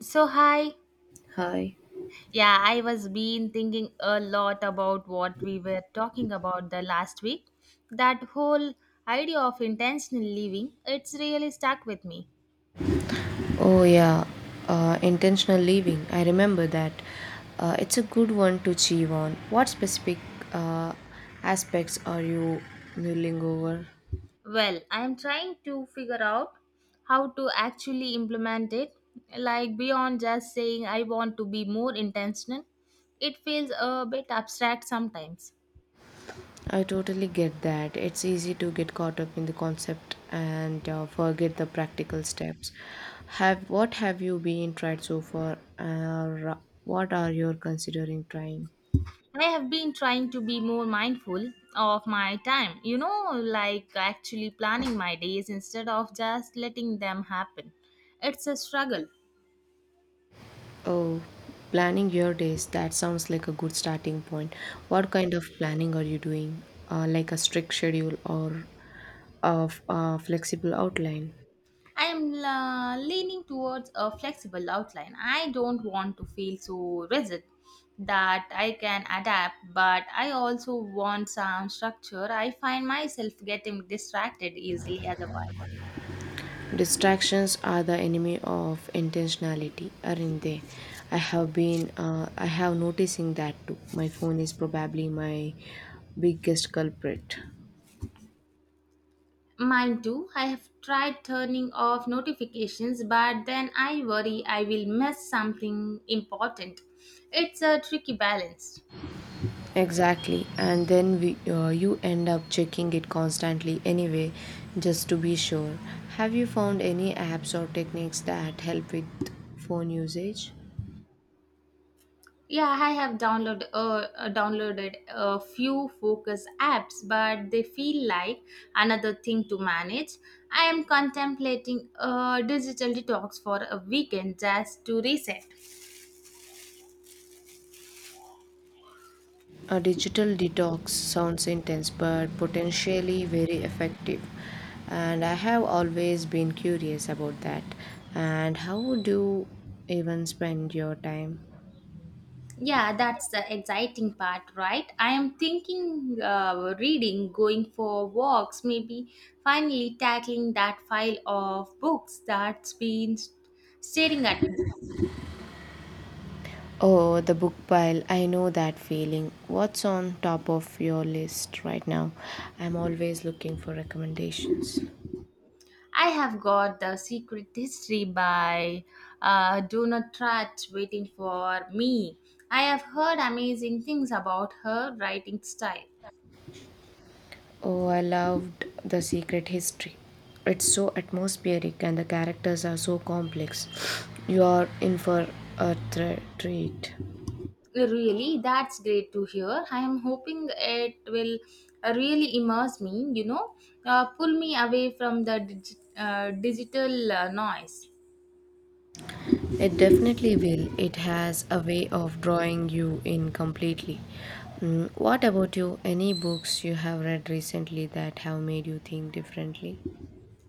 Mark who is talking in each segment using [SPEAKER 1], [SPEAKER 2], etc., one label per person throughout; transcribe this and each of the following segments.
[SPEAKER 1] So, hi.
[SPEAKER 2] Hi.
[SPEAKER 1] Yeah, I was been thinking a lot about what we were talking about the last week. That whole idea of intentional living, it's really stuck with me.
[SPEAKER 2] Oh, yeah, intentional living. I remember that. It's a good one to chew on. What specific uh, aspects are you mulling over?
[SPEAKER 1] Well, I'm trying to figure out how to actually implement it, like beyond just saying I want to be more intentional. It feels a bit abstract sometimes.
[SPEAKER 2] I totally get that. It's easy to get caught up in the concept and forget the practical steps. Have what have you been tried so far, or what are you considering trying?
[SPEAKER 1] I have been trying to be more mindful of my time, you know, like actually planning my days instead of just letting them happen. It's a struggle.
[SPEAKER 2] Oh, planning your days, that sounds like a good starting point. What kind of planning are you doing? Like a strict schedule or of a flexible outline?
[SPEAKER 1] I am leaning towards a flexible outline. I don't want to feel so rigid that I can adapt, but I also want some structure. I find myself getting distracted easily otherwise.
[SPEAKER 2] Distractions are the enemy of intentionality, aren't they? I have noticing that too. My phone is probably my biggest culprit.
[SPEAKER 1] Mine too. I have tried turning off notifications, but then I worry I will miss something important. It's a tricky balance.
[SPEAKER 2] Exactly, and then you end up checking it constantly anyway, just to be sure. Have you found any apps or techniques that help with phone usage?
[SPEAKER 1] Yeah, I have downloaded downloaded a few focus apps, but they feel like another thing to manage. I am contemplating a digital detox for a weekend just to reset.
[SPEAKER 2] A digital detox sounds intense but potentially very effective, and I have always been curious about that. And how would you even spend your time?
[SPEAKER 1] Yeah, that's the exciting part, right? I am thinking reading, going for walks, maybe finally tackling that file of books that's been staring at me.
[SPEAKER 2] Oh, the book pile. I know that feeling. What's on top of your list right now? I'm always looking for recommendations.
[SPEAKER 1] I have got The Secret History by Donna Tartt waiting for me. I have heard amazing things about her writing style.
[SPEAKER 2] Oh, I loved The Secret History. It's so atmospheric and the characters are so complex. You are in for a treat.
[SPEAKER 1] Really, that's great to hear. I am hoping it will really immerse me, pull me away from the digital noise.
[SPEAKER 2] It definitely will. It has a way of drawing you in completely. Mm, what about you? Any books you have read recently that have made you think differently?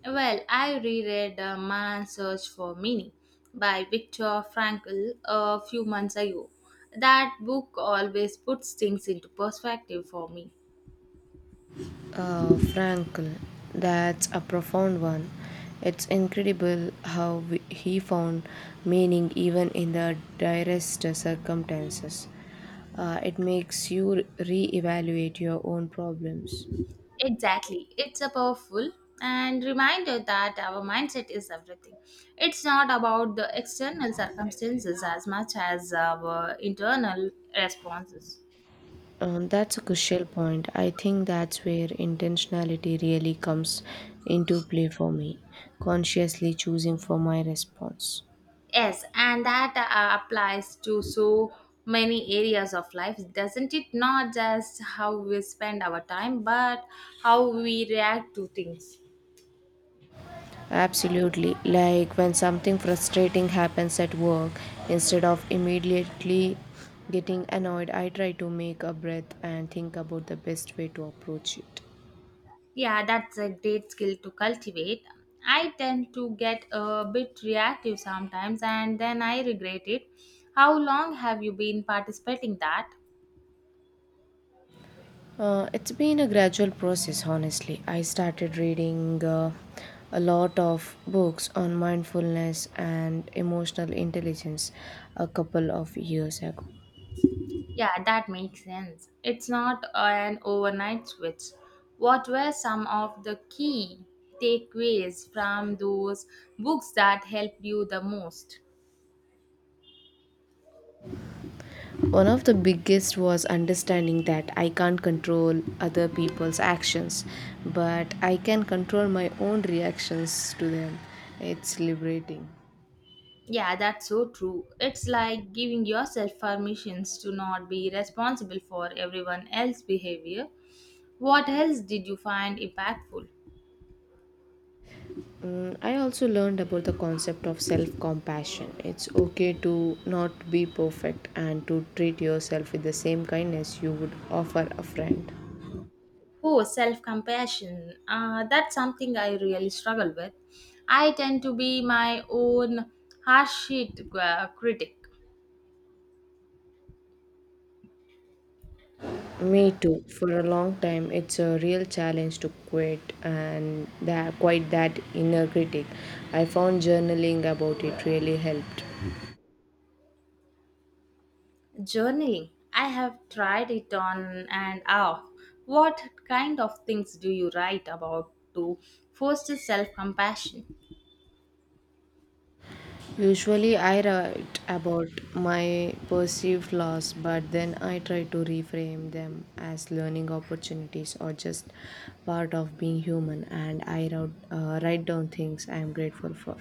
[SPEAKER 1] Well, I reread Man's Search for Meaning by Viktor Frankl a few months ago. That book always puts things into perspective for me.
[SPEAKER 2] Uh, Frankl, that's a profound one. It's incredible how he found meaning even in the direst circumstances. It makes you re-evaluate your own problems.
[SPEAKER 1] Exactly. It's a powerful and reminder that our mindset is everything. It's not about the external circumstances as much as our internal responses.
[SPEAKER 2] That's a crucial point. I think that's where intentionality really comes into play for me, consciously choosing for my response.
[SPEAKER 1] Yes, and that applies to so many areas of life, doesn't it? Not just how we spend our time, but how we react to things.
[SPEAKER 2] Absolutely. Like when something frustrating happens at work, instead of immediately getting annoyed, I try to make a breath and think about the best way to approach it.
[SPEAKER 1] Yeah, that's a great skill to cultivate. I tend to get a bit reactive sometimes and then I regret it. How long have you been participating that?
[SPEAKER 2] It's been a gradual process, honestly. I started reading a lot of books on mindfulness and emotional intelligence a couple of years ago.
[SPEAKER 1] Yeah, that makes sense. It's not an overnight switch. What were some of the key takeaways from those books that helped you the most?
[SPEAKER 2] One of the biggest was understanding that I can't control other people's actions, but I can control my own reactions to them. It's liberating.
[SPEAKER 1] Yeah, that's so true. It's like giving yourself permissions to not be responsible for everyone else's behavior. What else did you find impactful?
[SPEAKER 2] Mm, I also learned about the concept of self compassion. It's okay to not be perfect and to treat yourself with the same kindness you would offer a friend.
[SPEAKER 1] Oh, self compassion. That's something I really struggle with. I tend to be my own harsh critic.
[SPEAKER 2] Me too. For a long time, it's a real challenge to quit and that quite that inner critic. I found journaling about it really helped.
[SPEAKER 1] Journaling. I have tried it on and off. What kind of things do you write about to foster self compassion?
[SPEAKER 2] Usually, I write about my perceived flaws, but then I try to reframe them as learning opportunities or just part of being human. And I write down things I am grateful for.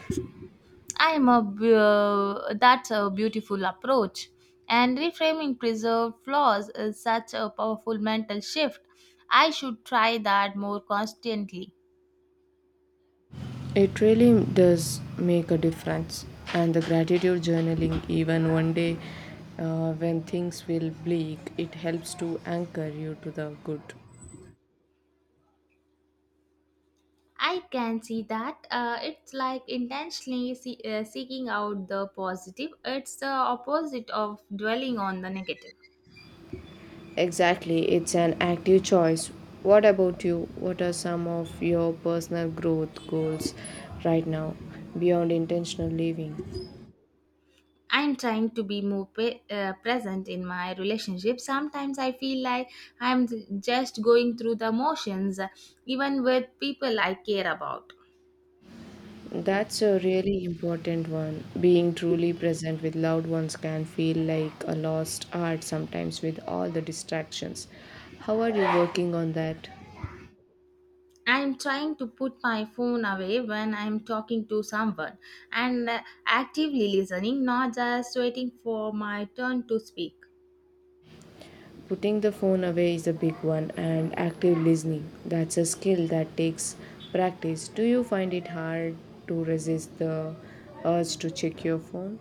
[SPEAKER 1] That's a beautiful approach, and reframing preserved flaws is such a powerful mental shift. I should try that more constantly.
[SPEAKER 2] It really does make a difference. And the gratitude journaling, even one day when things feel bleak, it helps to anchor you to the good.
[SPEAKER 1] I can see that it's like intentionally seeking out the positive. It's the opposite of dwelling on the negative.
[SPEAKER 2] Exactly, it's an active choice. What about you? What are some of your personal growth goals right now beyond intentional living?
[SPEAKER 1] I'm trying to be more present in my relationship. Sometimes I feel like I'm just going through the motions, even with people I care about.
[SPEAKER 2] That's a really important one. Being truly present with loved ones can feel like a lost art sometimes with all the distractions. How are you working on that?
[SPEAKER 1] I'm trying to put my phone away when I'm talking to someone and actively listening, not just waiting for my turn to speak.
[SPEAKER 2] Putting the phone away is a big one, and active listening. That's a skill that takes practice. Do you find it hard to resist the urge to check your phone?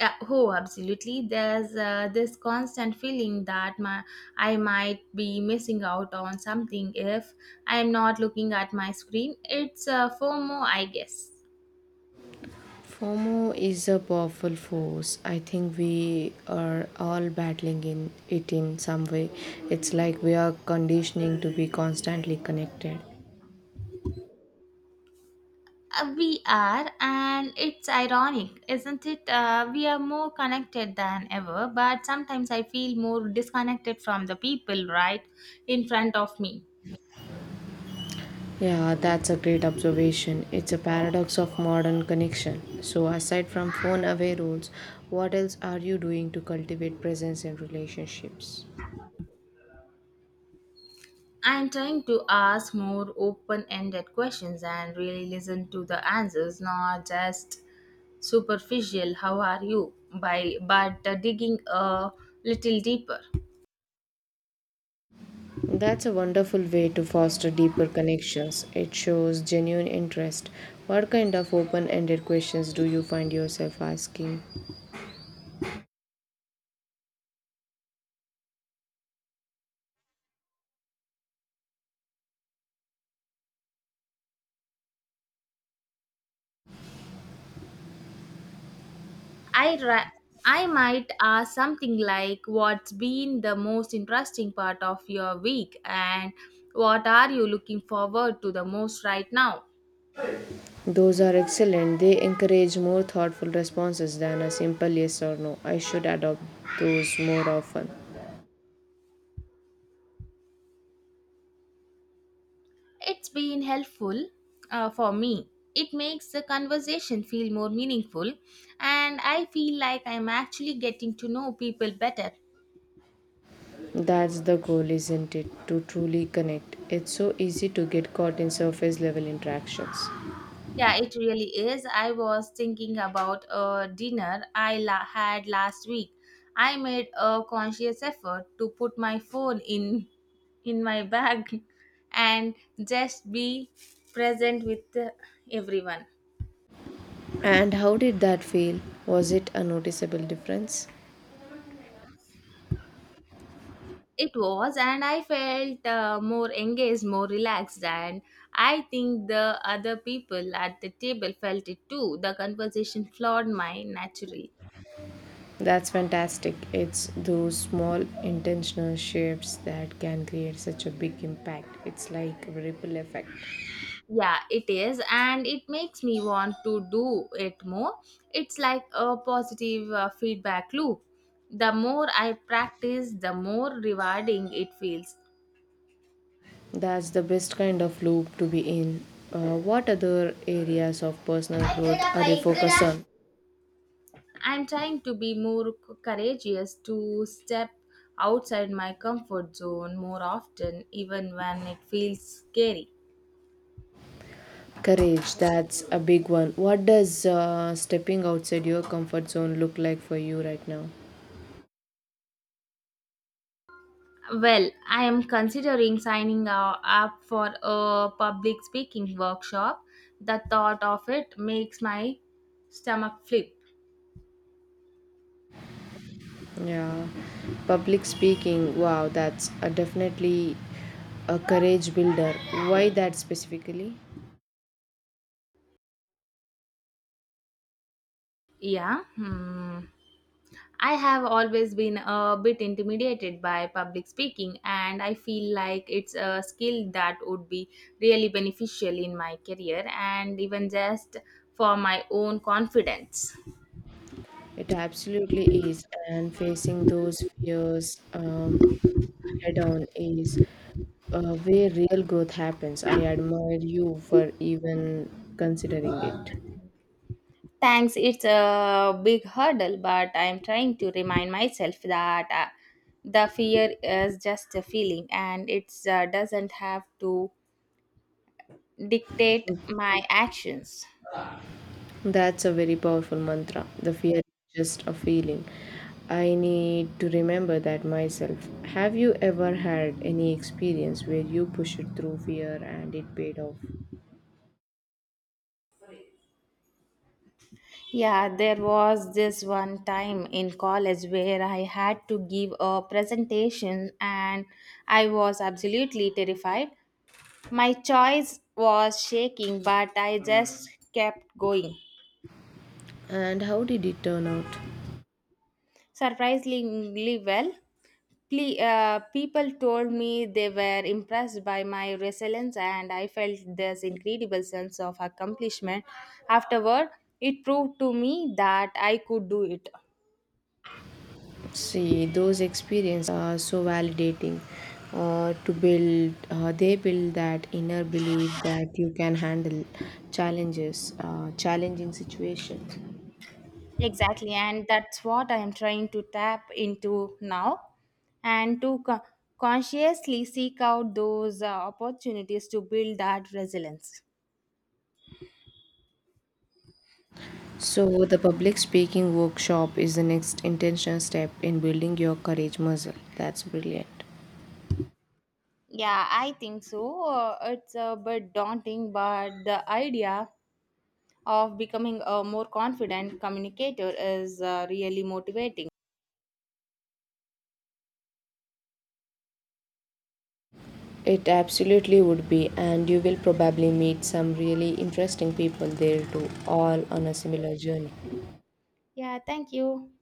[SPEAKER 1] Oh, absolutely. There's this constant feeling that I might be missing out on something if I'm not looking at my screen. It's FOMO, I guess.
[SPEAKER 2] FOMO is a powerful force. I think we are all battling in it in some way. It's like we are conditioning to be constantly connected.
[SPEAKER 1] We are, and it's ironic, isn't it? We are more connected than ever, but sometimes I feel more disconnected from the people right in front of me.
[SPEAKER 2] Yeah, that's a great observation. It's a paradox of modern connection. So, aside from phone away rules, what else are you doing to cultivate presence in relationships?
[SPEAKER 1] I'm trying to ask more open ended questions and really listen to the answers, not just superficial, how are you, by, but digging a little deeper.
[SPEAKER 2] That's a wonderful way to foster deeper connections. It shows genuine interest. What kind of open ended questions do you find yourself asking?
[SPEAKER 1] I ra- I might ask something like what's been the most interesting part of your week and what are you looking forward to the most right now?
[SPEAKER 2] Those are excellent. They encourage more thoughtful responses than a simple yes or no. I should adopt those more often.
[SPEAKER 1] It's been helpful for me. It makes the conversation feel more meaningful and I feel like I'm actually getting to know people better.
[SPEAKER 2] That's the goal, isn't it? To truly connect. It's so easy to get caught in surface level interactions.
[SPEAKER 1] Yeah, it really is. I was thinking about a dinner had last week. I made a conscious effort to put my phone in my bag and just be present with everyone.
[SPEAKER 2] And how did that feel? Was it a noticeable difference?
[SPEAKER 1] It was, and I felt more engaged, more relaxed, and I think the other people at the table felt it too. The conversation flowed my naturally.
[SPEAKER 2] That's fantastic. It's those small intentional shifts that can create such a big impact. It's like a ripple effect.
[SPEAKER 1] Yeah, it is, and it makes me want to do it more. It's like a positive feedback loop. The more I practice, the more rewarding it feels.
[SPEAKER 2] That's the best kind of loop to be in. What other areas of personal growth are you focused on?
[SPEAKER 1] I'm trying to be more courageous to step outside my comfort zone more often, even when it feels scary.
[SPEAKER 2] Courage, that's a big one. What does stepping outside your comfort zone look like for you right now?
[SPEAKER 1] Well, I am considering signing up for a public speaking workshop. The thought of it makes my stomach flip.
[SPEAKER 2] Yeah, public speaking, wow, that's a definitely a courage builder. Why that specifically?
[SPEAKER 1] Yeah. Hmm. I have always been a bit intimidated by public speaking, and I feel like it's a skill that would be really beneficial in my career and even just for my own confidence.
[SPEAKER 2] It absolutely is, and facing those fears head on is where real growth happens. I admire you for even considering it.
[SPEAKER 1] Thanks, it's a big hurdle, but I'm trying to remind myself that the fear is just a feeling and it doesn't have to dictate my actions.
[SPEAKER 2] That's a very powerful mantra. The fear is just a feeling. I need to remember that myself. Have you ever had any experience where you pushed through fear and it paid off?
[SPEAKER 1] Yeah, there was this one time in college where I had to give a presentation and I was absolutely terrified. My choice was shaking, but I just kept going.
[SPEAKER 2] And how did it turn out?
[SPEAKER 1] Surprisingly well, people told me they were impressed by my resilience, and I felt this incredible sense of accomplishment. Afterward, it proved to me that I could do it.
[SPEAKER 2] See, those experiences are so validating they build that inner belief that you can handle challenging situations.
[SPEAKER 1] Exactly, and that's what I am trying to tap into now and to consciously seek out those opportunities to build that resilience.
[SPEAKER 2] So, the public speaking workshop is the next intentional step in building your courage muscle. That's brilliant.
[SPEAKER 1] Yeah, I think so. It's a bit daunting, but the idea of becoming a more confident communicator is really motivating.
[SPEAKER 2] It absolutely would be, and you will probably meet some really interesting people there too, all on a similar journey.
[SPEAKER 1] Yeah, thank you.